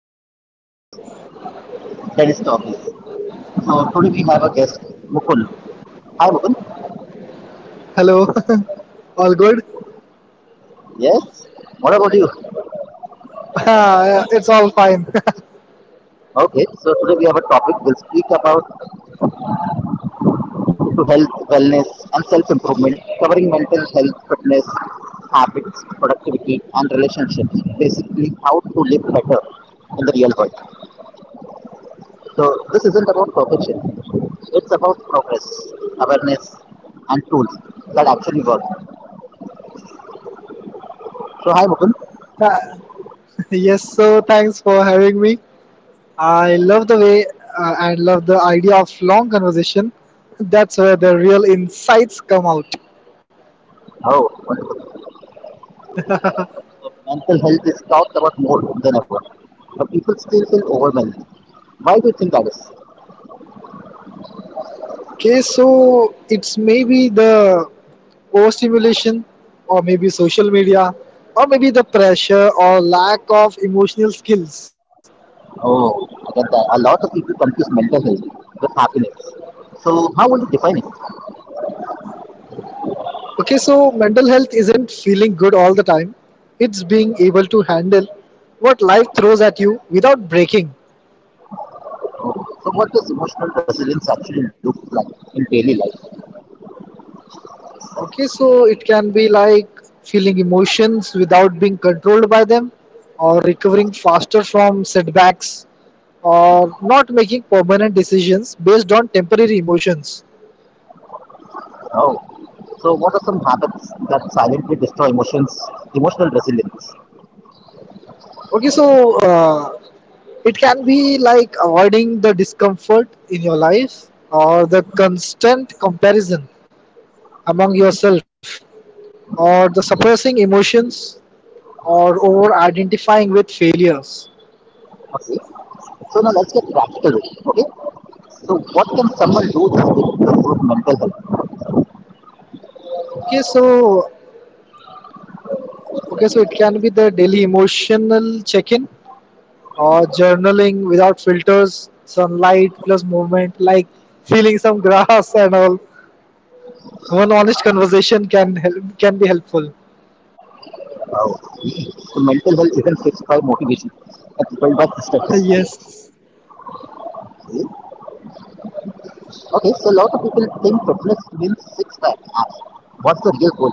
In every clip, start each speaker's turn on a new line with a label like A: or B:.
A: channel Dennis Talkies. So today we have a guest, Mukul. Hi, Mukul.
B: Hello, all good?
A: Yes. What about you?
B: it's all fine.
A: Okay. So today we have a topic. We'll speak about to health, wellness, and self-improvement, covering mental health, fitness, habits, productivity, and relationships. Basically, how to live better in the real world. So this isn't about perfection. It's about progress, awareness, and tools that actually work. So hi, Mukund.
B: Yes, so thanks for having me. I love the way, and love the idea of long conversation. That's where the real insights come out.
A: Oh, wonderful. So mental health is talked about more than ever, but people still feel overwhelmed. Why do you think that is?
B: Okay, so it's maybe the overstimulation, or maybe social media, or maybe the pressure or lack of emotional skills.
A: Oh, I get that. A lot of people confuse mental health with happiness. So how would you define it?
B: Okay, so mental health isn't feeling good all the time. It's being able to handle what life throws at you without breaking.
A: Oh, so what does emotional resilience actually look like in daily life?
B: Okay, so it can be like feeling emotions without being controlled by them, or recovering faster from setbacks, or not making permanent decisions based on temporary emotions.
A: Oh, so what are some habits that silently destroy emotional resilience?
B: Okay, so it can be like avoiding the discomfort in your life, or the constant comparison among yourself, or the suppressing emotions, or over identifying with failures.
A: Okay. So now let's get practical. Okay. So what can someone do this to improve mental health?
B: Okay so okay so it can be the daily emotional check-in, or journaling without filters, sunlight plus movement like feeling some grass and all. One honest conversation can be helpful.
A: Uh, so mental health isn't fixed by motivation. It's built by systems.
B: yes.
A: Okay. Okay, so a lot of people think fitness means six pack abs. What's the real goal?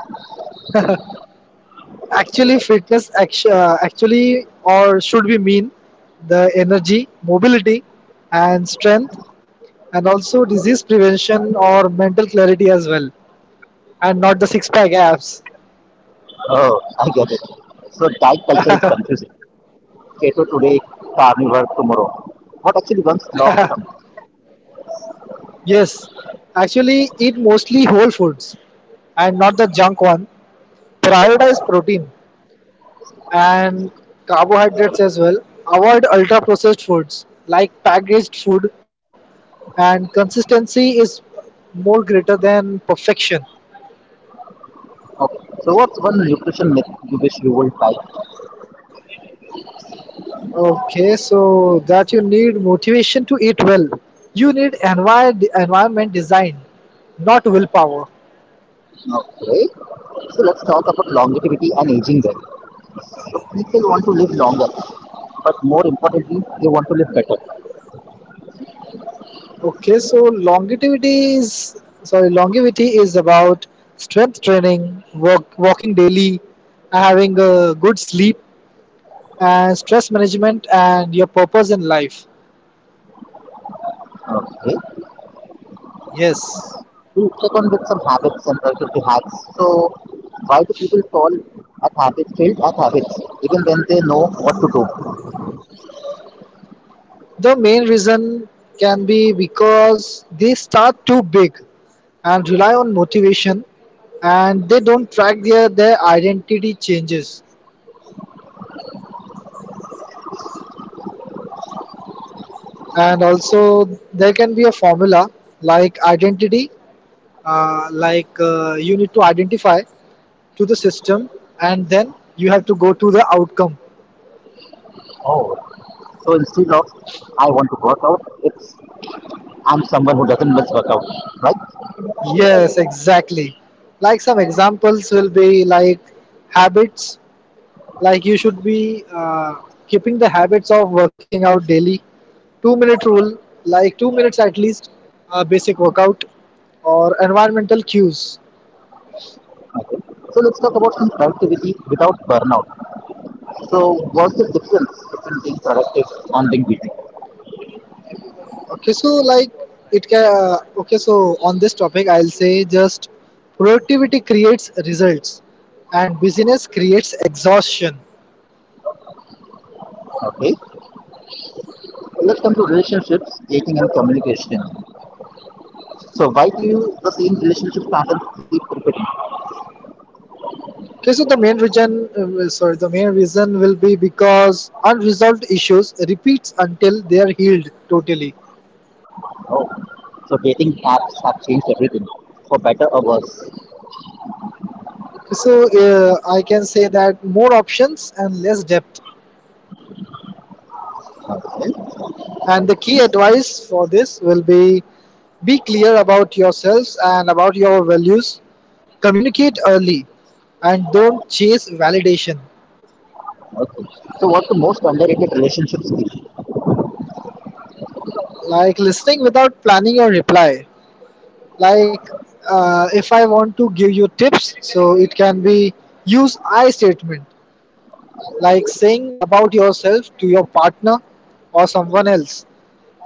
B: Actually or should we mean the energy, mobility, and strength, and also disease prevention or mental clarity as well, and not the six pack abs.
A: Oh, I get it. So diet culture is confusing. Keto today, carnivore tomorrow. What actually one log from?
B: Yes, actually eat mostly whole foods and not the junk one. Prioritize protein and carbohydrates as well. Avoid ultra processed foods like packaged food, and consistency is more greater than perfection.
A: Okay. So what's one nutrition myth you wish you would buy?
B: Okay, so that you need motivation to eat well. You need environment design, not willpower.
A: Okay. So let's talk about longevity and aging then. So people want to live longer, but more importantly, they want to live better.
B: Okay, so longevity is, sorry, longevity is about strength training, walking daily, having a good sleep, and stress management, and your purpose in life.
A: Okay.
B: Yes,
A: We check on with some habits and productivity hacks. So why do people failed at habits, even when they know what to do?
B: the main reason can be because they start too big and rely on motivation, and they don't track their identity changes. And also, there can be a formula like identity, you need to identify to the system and then you have to go to the outcome.
A: Oh. So instead of I want to work out, it's I'm someone who doesn't miss workout, right?
B: Yes, exactly. Like some examples will be like habits, like you should be keeping the habits of working out daily. two-minute rule, like 2 minutes at least, basic workout, or environmental cues.
A: Okay. So let's talk about some productivity without burnout. So what's the difference between being productive and being busy?
B: Okay, so like it can, okay so on this topic I'll say just productivity creates results and busyness creates exhaustion.
A: Okay. Let's come to relationships, dating and communication. So why do you, the same relationship patterns keep repeating?
B: Okay, so the main reason, the main reason will be because unresolved issues repeats until they are healed totally.
A: Oh, so dating apps have changed everything for better or worse.
B: Okay, so I can say that more options and less depth.
A: Okay.
B: And the key advice for this will be clear about yourselves and about your values. Communicate early and don't chase validation.
A: Okay. So what's the most underrated relationship skill?
B: Like listening without planning your reply. Like if I want to give you tips, so it can be use I statement, like saying about yourself to your partner or someone else,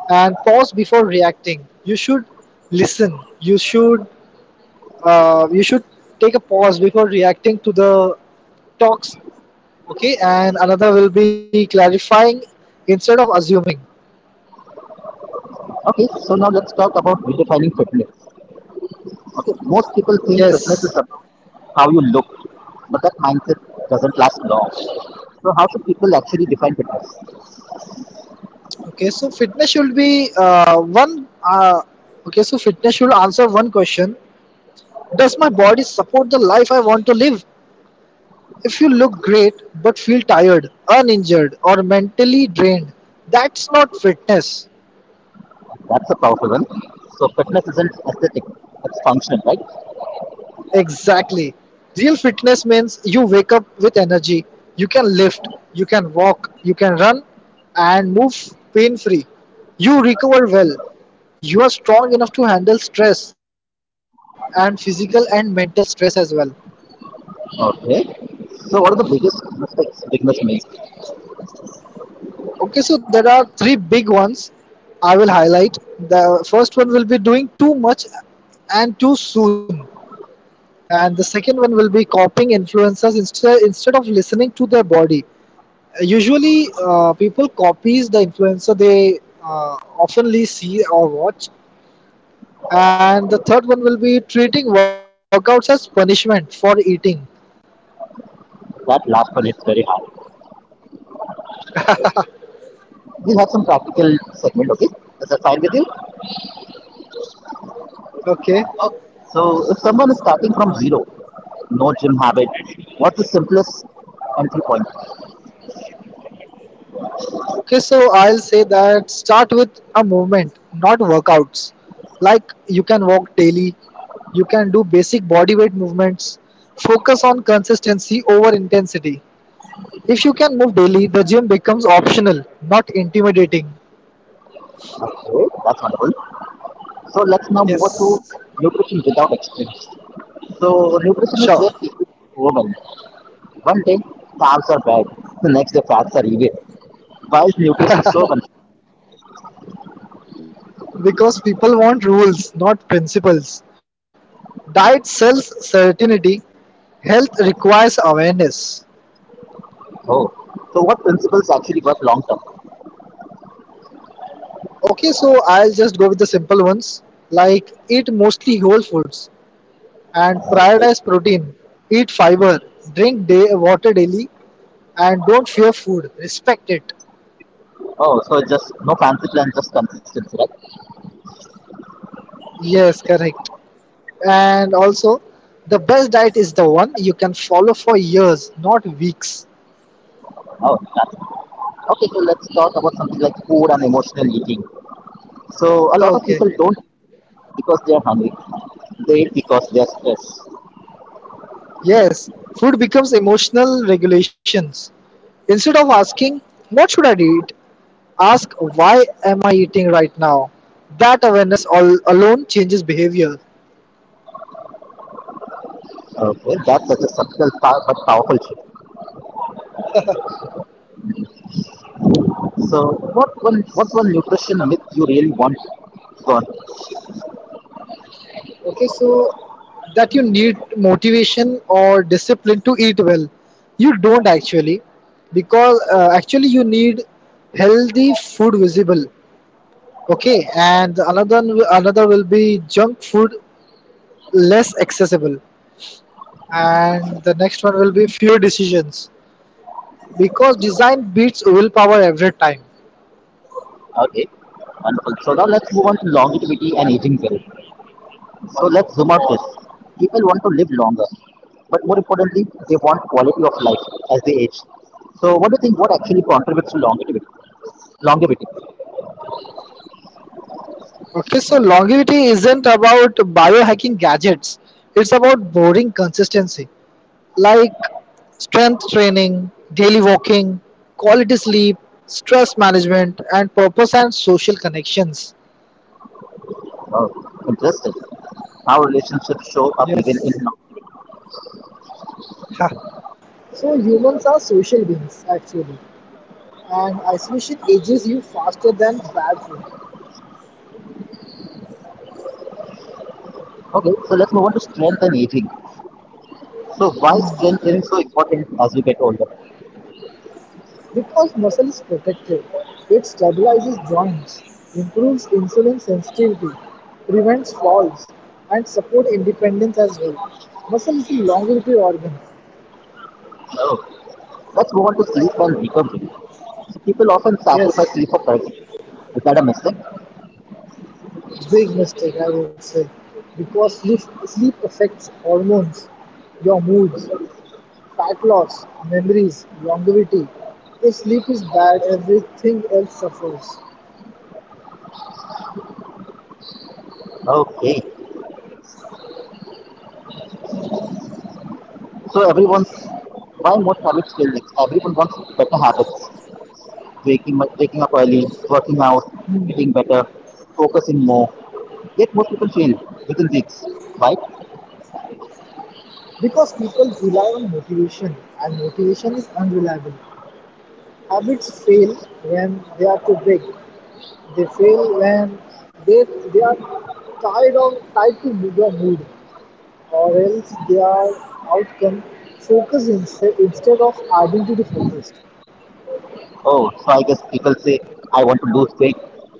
B: and pause before reacting. You should listen, you should take a pause before reacting to the talks. Okay, and another will be clarifying instead of assuming.
A: Okay. So now let's talk about redefining fitness. Okay. Most people think fitness is
B: Yes.
A: about how you look, but that mindset doesn't last long. So how should people actually define fitness?
B: Okay, so fitness should be one okay so fitness should answer one question: does my body support the life I want to live? If you look great but feel tired, uninjured, or mentally drained, that's not fitness.
A: That's a powerful one. So fitness isn't aesthetic; it's functional, right?
B: Exactly. Real fitness means you wake up with energy, you can lift, you can walk, you can run, and move pain free. You recover well. You are strong enough to handle stress, and physical and mental stress as well.
A: Okay. So what are the biggest mistakes beginners make?
B: Okay, so there are three big ones I will highlight. The first one will be doing too much and too soon. And the second one will be copying influencers instead of listening to their body. Usually people copies the influencer they oftenly see or watch. And the third one will be treating workouts as punishment for eating.
A: That last one hits very hard. We have some practical segment, okay? Is that fine with you?
B: Okay,
A: Okay. So, if someone is starting from zero, no gym habit, what's the simplest entry point?
B: okay, so I'll say that start with a movement, not workouts. Like you can walk daily, you can do basic body weight movements, focus on consistency over intensity. If you can move daily, the gym becomes optional, not intimidating.
A: Okay, that's wonderful. So, let's now move on to
B: Yes,
A: nutrition without experience. So, nutrition is
B: sure.
A: where people woman. One day, carbs are bad, the next day, fats are evil. Why is nutrition so confusing?
B: Because people want rules, not principles. Diet sells certainty, health requires awareness.
A: Oh, so what principles actually work long term?
B: Okay, so I'll just go with the simple ones, like eat mostly whole foods and
A: Okay.
B: prioritize protein, eat fiber, water daily, and don't fear food, respect it.
A: Oh, so just no fancy plan, just consistency, right?
B: Yes, correct. And also, the best diet is the one you can follow for years, not weeks.
A: Oh, that okay, so let's talk about something like food and emotional eating. So a lot of
B: Okay.
A: people don't eat because they are hungry; they eat because they are stressed.
B: Yes. Food becomes emotional regulations. Instead of asking, what should I eat? Ask, why am I eating right now? That awareness all alone changes behavior.
A: Okay, that's such a subtle but powerful shift. So what one nutrition myth you really want gone?
B: Okay, so that you need motivation or discipline to eat well. You don't actually, because actually you need healthy food visible. Okay, and another will be junk food less accessible, and the next one will be fewer decisions, because design beats willpower every time.
A: Okay, wonderful. So now let's move on to longevity and aging well. So let's zoom out this. People want to live longer, but more importantly, they want quality of life as they age. So what do you think? What actually contributes to longevity? Longevity.
B: Okay, so longevity isn't about biohacking gadgets; it's about boring consistency, like strength training, daily walking, quality sleep, stress management, and purpose and social connections.
A: Oh, interesting. How relationships show up even in
B: Yes.
A: now.
B: Ha. So humans are social beings actually. And isolation ages you faster than bad food.
A: Okay, so let's move on to strength and aging. So why strength is so important as we get older?
B: Because muscle is protective. It stabilizes joints, improves insulin sensitivity, prevents falls, and support independence as well. Muscle is a longevity organ.
A: Oh. Let's move on to sleep and recovery. So people often sacrifice
B: Yes,
A: sleep for productivity. Is that a mistake?
B: big mistake I would say, because sleep affects hormones, your moods, fat loss, memories, longevity. If sleep is bad, everything else suffers.
A: Okay. So everyone's why most habits fail is everyone wants better habits. Waking up early, working out, eating better, focusing more. Yet most people fail within weeks. Why?
B: Because people rely on motivation and motivation is unreliable. Habits fail when they are too big. They fail when they, they are tied to your mood, or else they are outcome focused instead of identity focused.
A: Oh, so I guess people say, I want to lose weight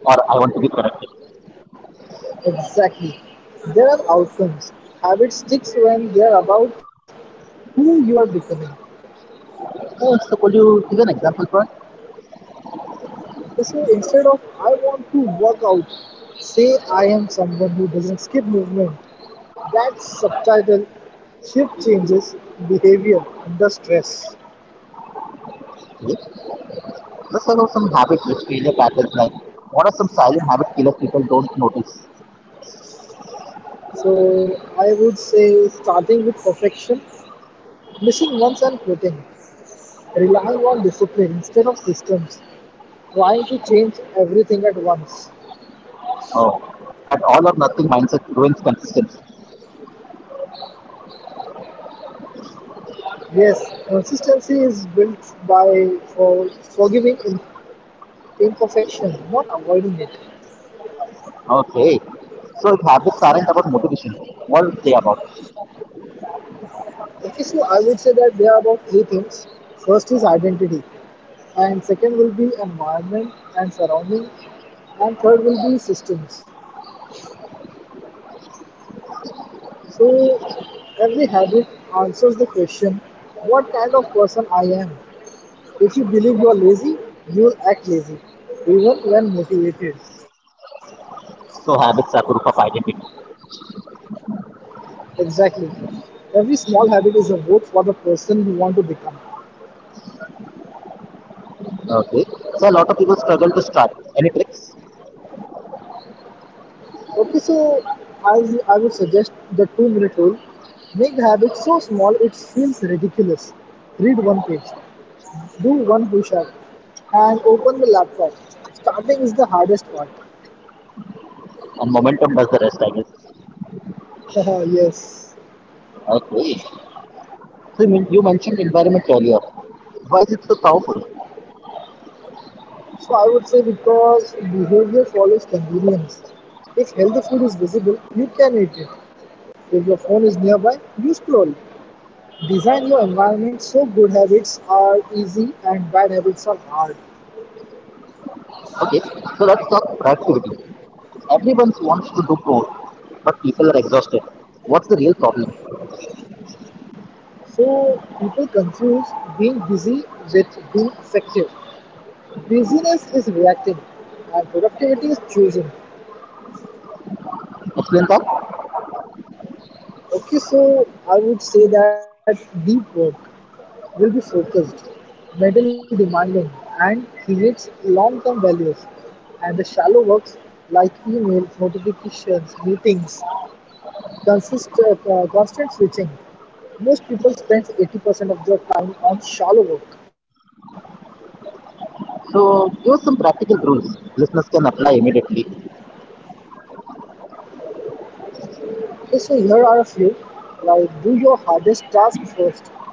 A: or I want to be productive.
B: Exactly. There are outcomes. Habit sticks when they are about who you are becoming.
A: Oh, so could you give an example for us?
B: Okay, so instead of I want to work out, say I am someone who doesn't skip movement. That subtitle "Shift Changes Behavior Under Stress".
A: Yes. Let's talk about some habit which failure patterns, like what are some silent habit killers people don't notice?
B: So I would say starting with perfection, missing once and quitting, relying on discipline instead of systems, trying to change everything at once.
A: Oh, that all or nothing mindset ruins consistency.
B: Yes, consistency is built by forgiving imperfection, not avoiding it.
A: Okay. So if habits aren't about motivation, what would you say about it?
B: Okay, so I would say that there are about three things. First is identity, and second will be environment and surrounding, and third will be systems. So every habit answers the question, what kind of person I am? If you believe you are lazy, you will act lazy, even when motivated.
A: So habits are proof of identity.
B: Exactly. Every small habit is a vote for the person you want to become.
A: Okay. So a lot of people struggle to start. Any tricks?
B: Okay, so I would suggest the two-minute rule. Make the habit so small it feels ridiculous. Read one page, do one push up, and open the laptop. Starting is the hardest part.
A: And momentum does the rest, I guess.
B: Yes.
A: Okay. So you mentioned environment earlier. Why is it so powerful?
B: So I would say because behavior follows convenience. If healthy food is visible, you can eat it. If your phone is nearby, you scroll. Design your environment so good habits are easy and bad habits are hard.
A: Okay, so let's talk productivity. Everyone wants to do code, but people are exhausted. What's the real problem?
B: So people confuse being busy with being effective. Busyness is reacting and productivity is choosing.
A: Explain that.
B: Okay, so I would say that deep work will be focused, middle-demanding, and creates long-term values, and the shallow works like emails, notifications, meetings, constant switching. Most people spend 80% of their time on shallow work.
A: So give us some practical rules listeners can apply immediately.
B: Okay, so here are a few. Like, do your hardest task first.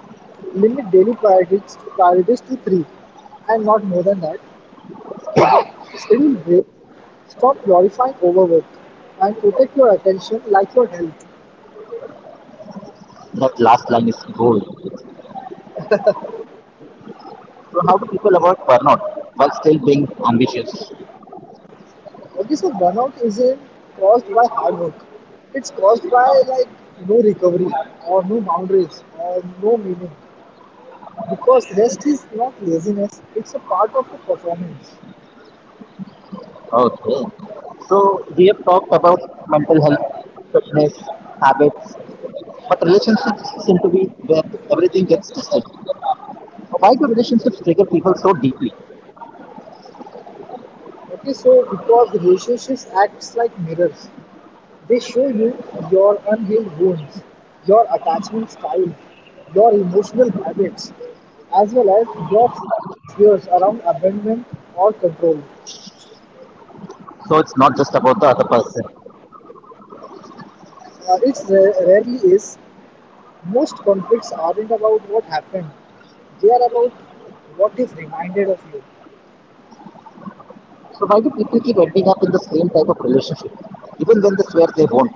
B: Limit daily priorities to 3, and not more than that. Schedule Schedule breaks, stop glorifying overwork, and protect your attention like your health.
A: That last line is gold. So how do people avoid burnout while still being ambitious?
B: Okay, so burnout isn't caused by hard work. It's caused by like no recovery, or no boundaries, or no meaning. Because rest is not laziness, it's a part of the performance.
A: Okay. So we have talked about mental health, fitness, habits, but relationships seem to be where everything gets tested. Why do relationships trigger people so deeply?
B: Okay, so because relationships acts like mirrors. They show you your unhealed wounds, your attachment styles, your emotional habits, as well as your fears around abandonment or control.
A: So it's not just about the other person.
B: It rarely is. Most conflicts aren't about what happened, they are about what is reminded of you.
A: So why do people keep ending up in the same type of relationship, even when they swear they won't?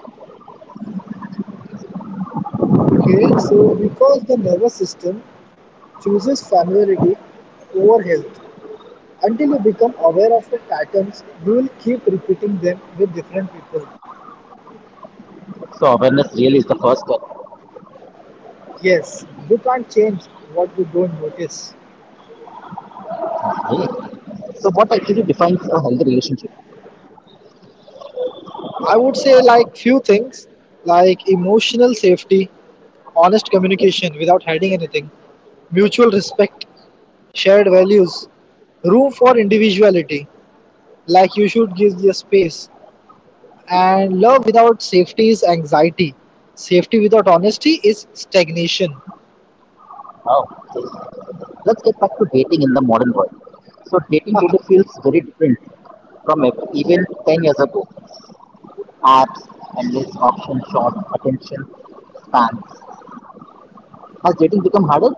B: Okay, so because the nervous system chooses familiarity over health, until you become aware of the patterns, you will keep repeating them with different people.
A: So awareness really is the first step.
B: Yes, you can't change what you don't notice.
A: Hey. So what actually defines a healthy relationship?
B: I would say like few things, like emotional safety, honest communication without hiding anything, mutual respect, shared values, room for individuality, like you should give your space, and love without safety is anxiety. Safety without honesty is stagnation.
A: Wow. Let's get back to dating in the modern world. So dating today feels very different from even 10 years ago. Apps, endless options, short attention spans. Has dating become harder?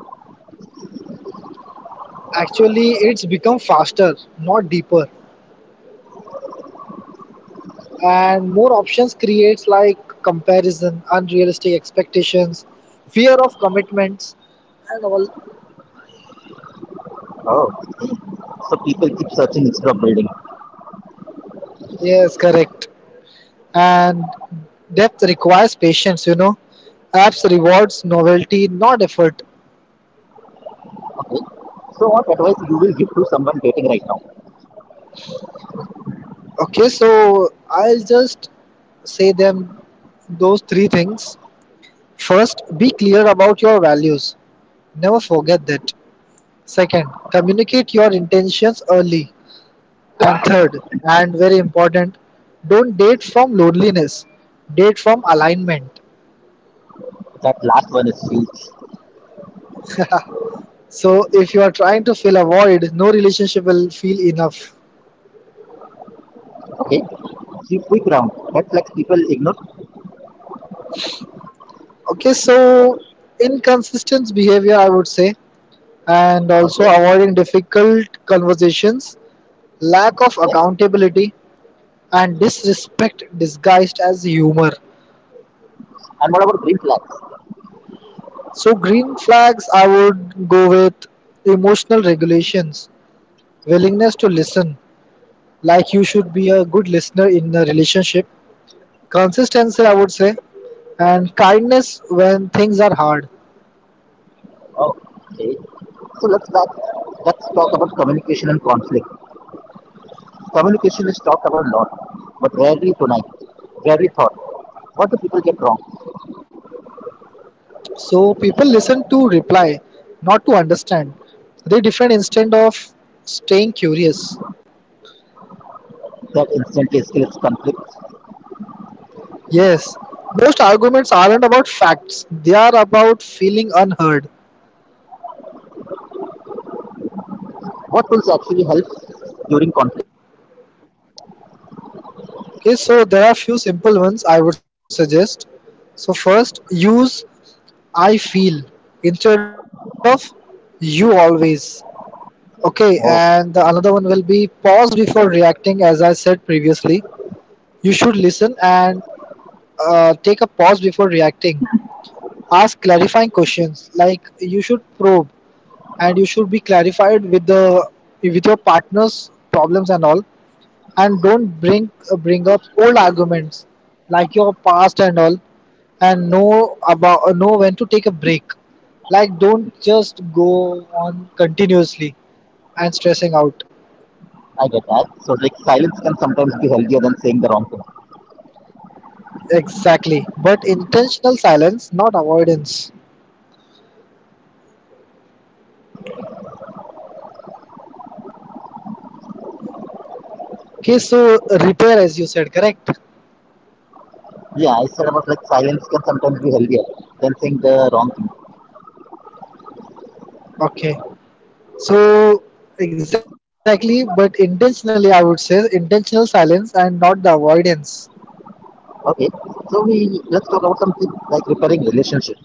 B: Actually, it's become faster, not deeper. And more options creates like comparison, unrealistic expectations, fear of commitments, and all.
A: Oh. So people keep searching instead of building.
B: Yes, correct. And depth requires patience, you know. Apps rewards novelty, not effort.
A: Okay. So what advice you will give to someone dating right now?
B: Okay, so I'll just say them those three things. First, be clear about your values, never forget that. Second, communicate your intentions early. And third, and very important, don't date from loneliness, date from alignment.
A: That last one is huge.
B: So, if you are trying to fill a void, no relationship will feel enough.
A: Okay. See, quick round. Red flags people ignore.
B: Okay, so inconsistent behavior, I would say, and also
A: Okay.
B: avoiding difficult conversations, lack of
A: Next.
B: accountability, and disrespect disguised as humor.
A: And what about green flags?
B: So, green flags, I would go with emotional regulations, willingness to listen, like you should be a good listener in a relationship, consistency I would say, and kindness when things are hard.
A: Oh, okay. So let's back. Let's talk about communication and conflict. Communication is talked about a lot, but rarely tonight. Rarely thought. What do people get wrong?
B: So people listen to reply, not to understand. They different instead of staying curious.
A: That instantly escalates conflict.
B: Yes, most arguments aren't about facts, they are about feeling unheard.
A: What tools actually help during conflict?
B: Okay, so there are few simple ones I would suggest. So first, use "I feel" instead of "you always." Okay,
A: Oh,
B: and the another one will be pause before reacting. As I said previously, you should listen and take a pause before reacting. Ask clarifying questions, like you should probe and you should be clarified with the with your partner's problems and all, and don't bring bring up old arguments like your past and all, and know about know when to take a break. Like don't just go on continuously and stressing out.
A: I get that. So like silence can sometimes be healthier than saying the wrong thing.
B: Exactly. But intentional silence, not avoidance. Okay, so repair, as you said, correct?
A: Yeah, I said about like silence can sometimes be healthier than saying the wrong thing.
B: Okay. So, exactly, but intentionally, I would say intentional silence and not the avoidance.
A: Okay, so we let's talk about something like repairing relationships.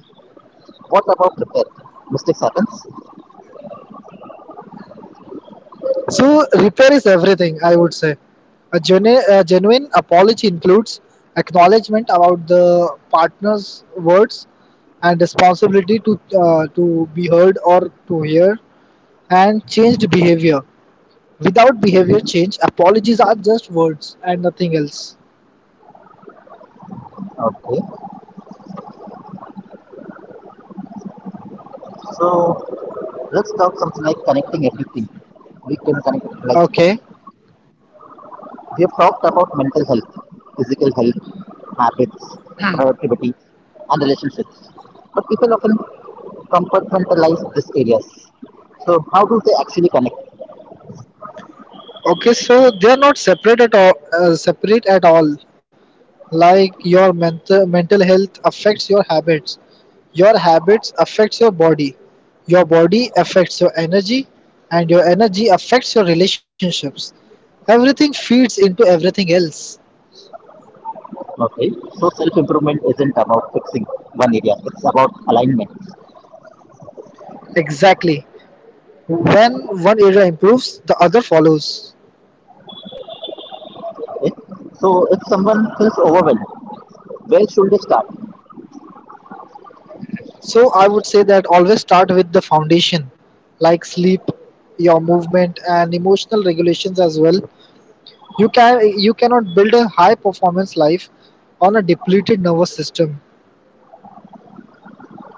A: What about repair? Mistakes happens.
B: So, repair is everything, I would say. A genuine apology includes acknowledgement about the partner's words and responsibility to be heard or to hear and changed behavior. Without behavior change, apologies are just words and nothing else.
A: Okay, so let's talk something like connecting everything. We can connect it like
B: Okay.
A: we have talked about mental health, physical health, habits, productivity, and relationships. But people often compartmentalize these areas. So how do they actually connect?
B: Okay, so they are not separate at all. Separate at all. Like your mental health affects your habits. Your habits affects your body. Your body affects your energy, and your energy affects your relationships. Everything feeds into everything else.
A: Okay, so self improvement isn't about fixing one area, it's about alignment.
B: Exactly. When one area improves, the other follows.
A: Okay, so if someone feels overwhelmed, where should they start?
B: So I would say that always start with the foundation, like sleep, your movement, and emotional regulations as well. You can you cannot build a high performance life on a depleted nervous system.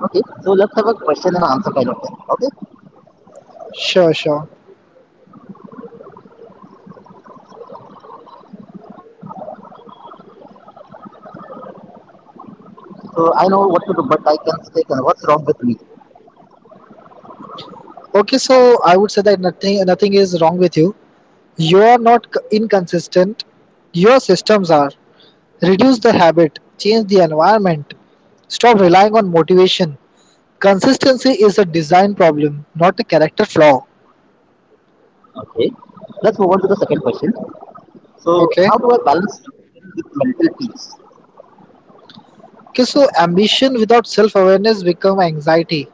A: Okay, so let's have a question and answer kind of thing. Okay,
B: Sure, sure.
A: so I know what to do, but I can say, kind what's wrong with me?
B: Okay, so I would say that nothing is wrong with you. You are not c- inconsistent. Your systems are. Reduce the habit, change the environment, stop relying on motivation. Consistency is a design problem, not a character flaw.
A: Okay, let's move on to the second question. So, how
B: Okay.
A: do I balance thinking with mental peace?
B: Okay, so ambition without self awareness become anxiety.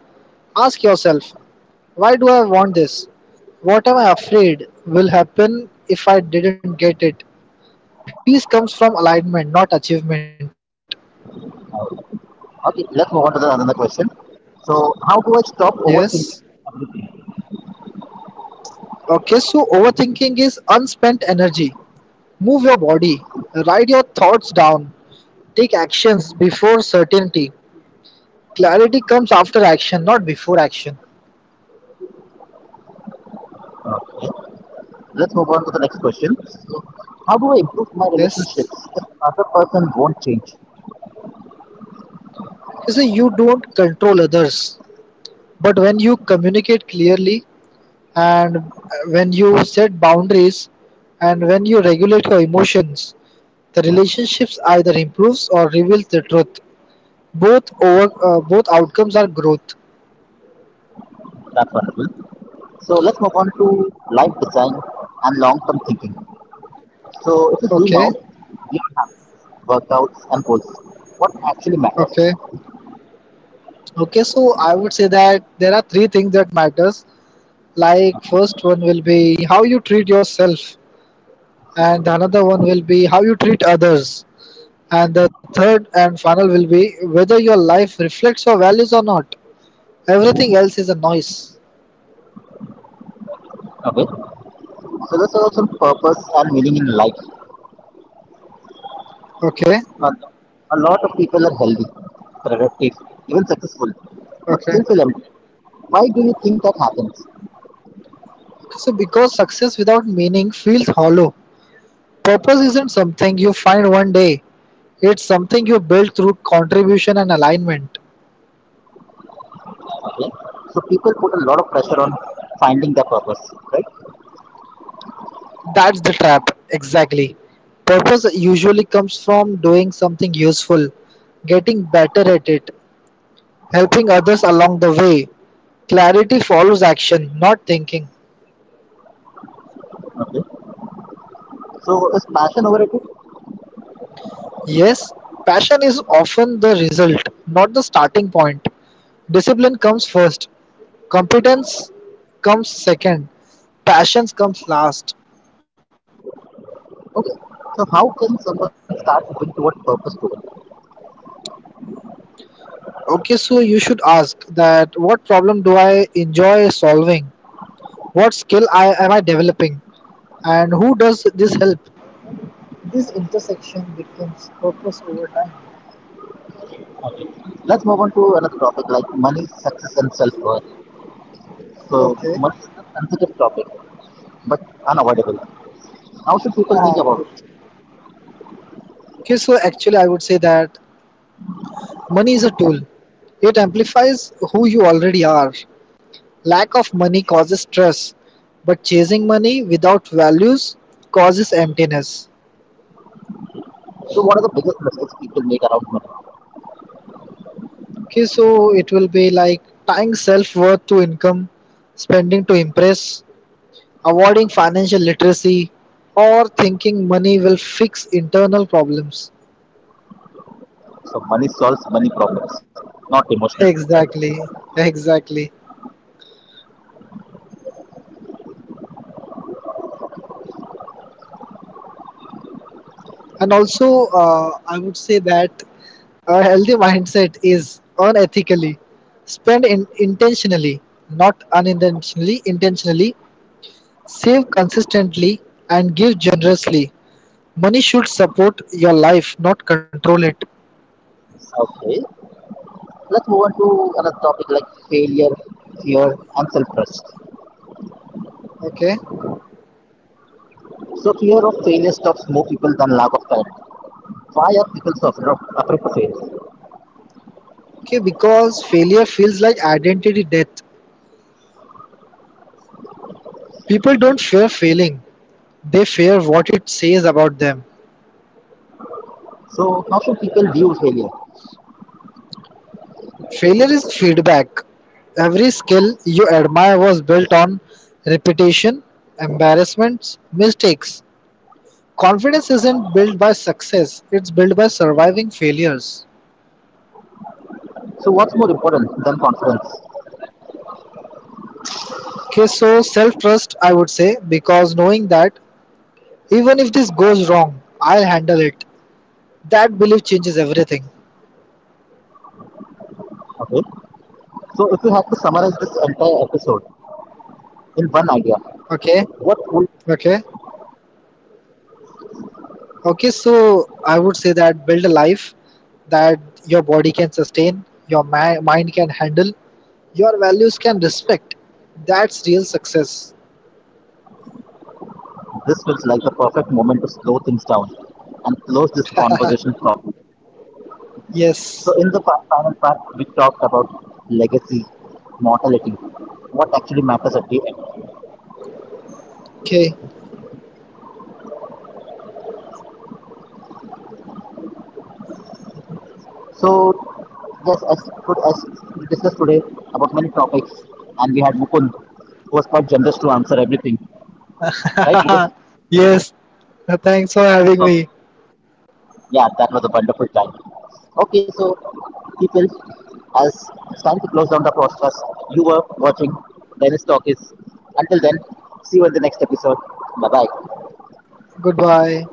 B: Ask yourself, why do I want this? What am I afraid will happen if I didn't get it? Peace comes from alignment, not achievement.
A: Okay, let's move on to the another question. So, how do I stop
B: Yes.
A: overthinking?
B: Okay, so overthinking is unspent energy. Move your body, write your thoughts down, take actions before certainty. Clarity comes after action, not before action.
A: Let's move on to the next question. So, how do I improve my relationships
B: Yes.
A: if other person won't change?
B: Okay, so you don't control others, but when you communicate clearly, and when you set boundaries and when you regulate your emotions, the relationships either improves or reveals the truth. Both outcomes are growth.
A: That's wonderful. So let's move on to life design and long-term thinking. So if you zoom out,
B: Okay.
A: we have workouts and goals. What actually matters?
B: Okay. Okay, so I would say that there are three things that matters. Like first one will be how you treat yourself, and the another one will be how you treat others, and the third and final will be whether your life reflects your values or not. Everything else is a noise.
A: Okay. So let's also some purpose and meaning in life.
B: Okay.
A: A lot of people are healthy, productive, even successful, but
B: Okay.
A: still feel empty. Why do you think that happens?
B: So, because success without meaning feels hollow, purpose isn't something you find one day, it's something you build through contribution and alignment.
A: Okay. So people put a lot of pressure on finding their purpose, right?
B: That's the trap, exactly. Purpose usually comes from doing something useful, getting better at it, helping others along the way. Clarity follows action, not thinking.
A: Okay. So is passion overrated?
B: Yes, passion is often the result, not the starting point. Discipline comes first, competence comes second, passions comes last.
A: Okay. So how can someone start moving toward purpose toward?
B: Okay, so you should ask that what problem do I enjoy solving, what skill I am I developing, and who does this help. This intersection becomes purpose over time.
A: Let's move on to another topic like money, success, and self-worth.
B: Okay.
A: So money is a sensitive topic, but unavoidable. How should people think
B: Correct.
A: about
B: Okay, so actually I would say that money is a tool. It amplifies who you already are. Lack of money causes stress, but chasing money without values causes emptiness.
A: it? So what are the biggest mistakes people make around money?
B: Okay, so it will be like tying self worth to income, spending to impress, avoiding financial literacy, or thinking money will fix internal problems.
A: So money solves money problems, not emotional ones, I guess.
B: Exactly, exactly. And also, I would say that a healthy mindset is earn ethically, spend intentionally, not unintentionally, intentionally, save consistently, and give generously. Money should support your life, not control it.
A: Okay. Let's move on to another topic like failure, fear, and self-trust.
B: Okay.
A: So fear of failure stops more people than lack of talent. Why are people so afraid to fail?
B: Okay, because failure feels like identity death. People don't fear failing, they fear what it says about them.
A: So how should people view failure?
B: Failure is feedback. Every skill you admire was built on repetition, embarrassments, mistakes. Confidence isn't built by success, it's built by surviving failures.
A: So what's more important than confidence?
B: Okay, so self trust, I would say, because knowing that even if this goes wrong, I'll handle it. That belief changes everything.
A: Okay. So if you had to summarize this entire episode in one idea,
B: Okay,
A: what would
B: okay. Okay, so I would say that build a life that your body can sustain, your mind can handle, your values can respect. That's real success.
A: this feels like the perfect moment to slow things down and close this conversation properly.
B: Yes.
A: So in the final part, we talked about legacy, mortality, what actually matters at the end.
B: Okay.
A: So yes, as good as we discussed today about many topics, and we had Mukund, who was quite generous to answer everything, right? Because
B: Yes. Thanks for having me.
A: yeah, that was a wonderful time. Okay, so people, as it's time to close down the podcast, you were watching Dennis Talkies. Until then, see you in the next episode. Bye bye.
B: Goodbye.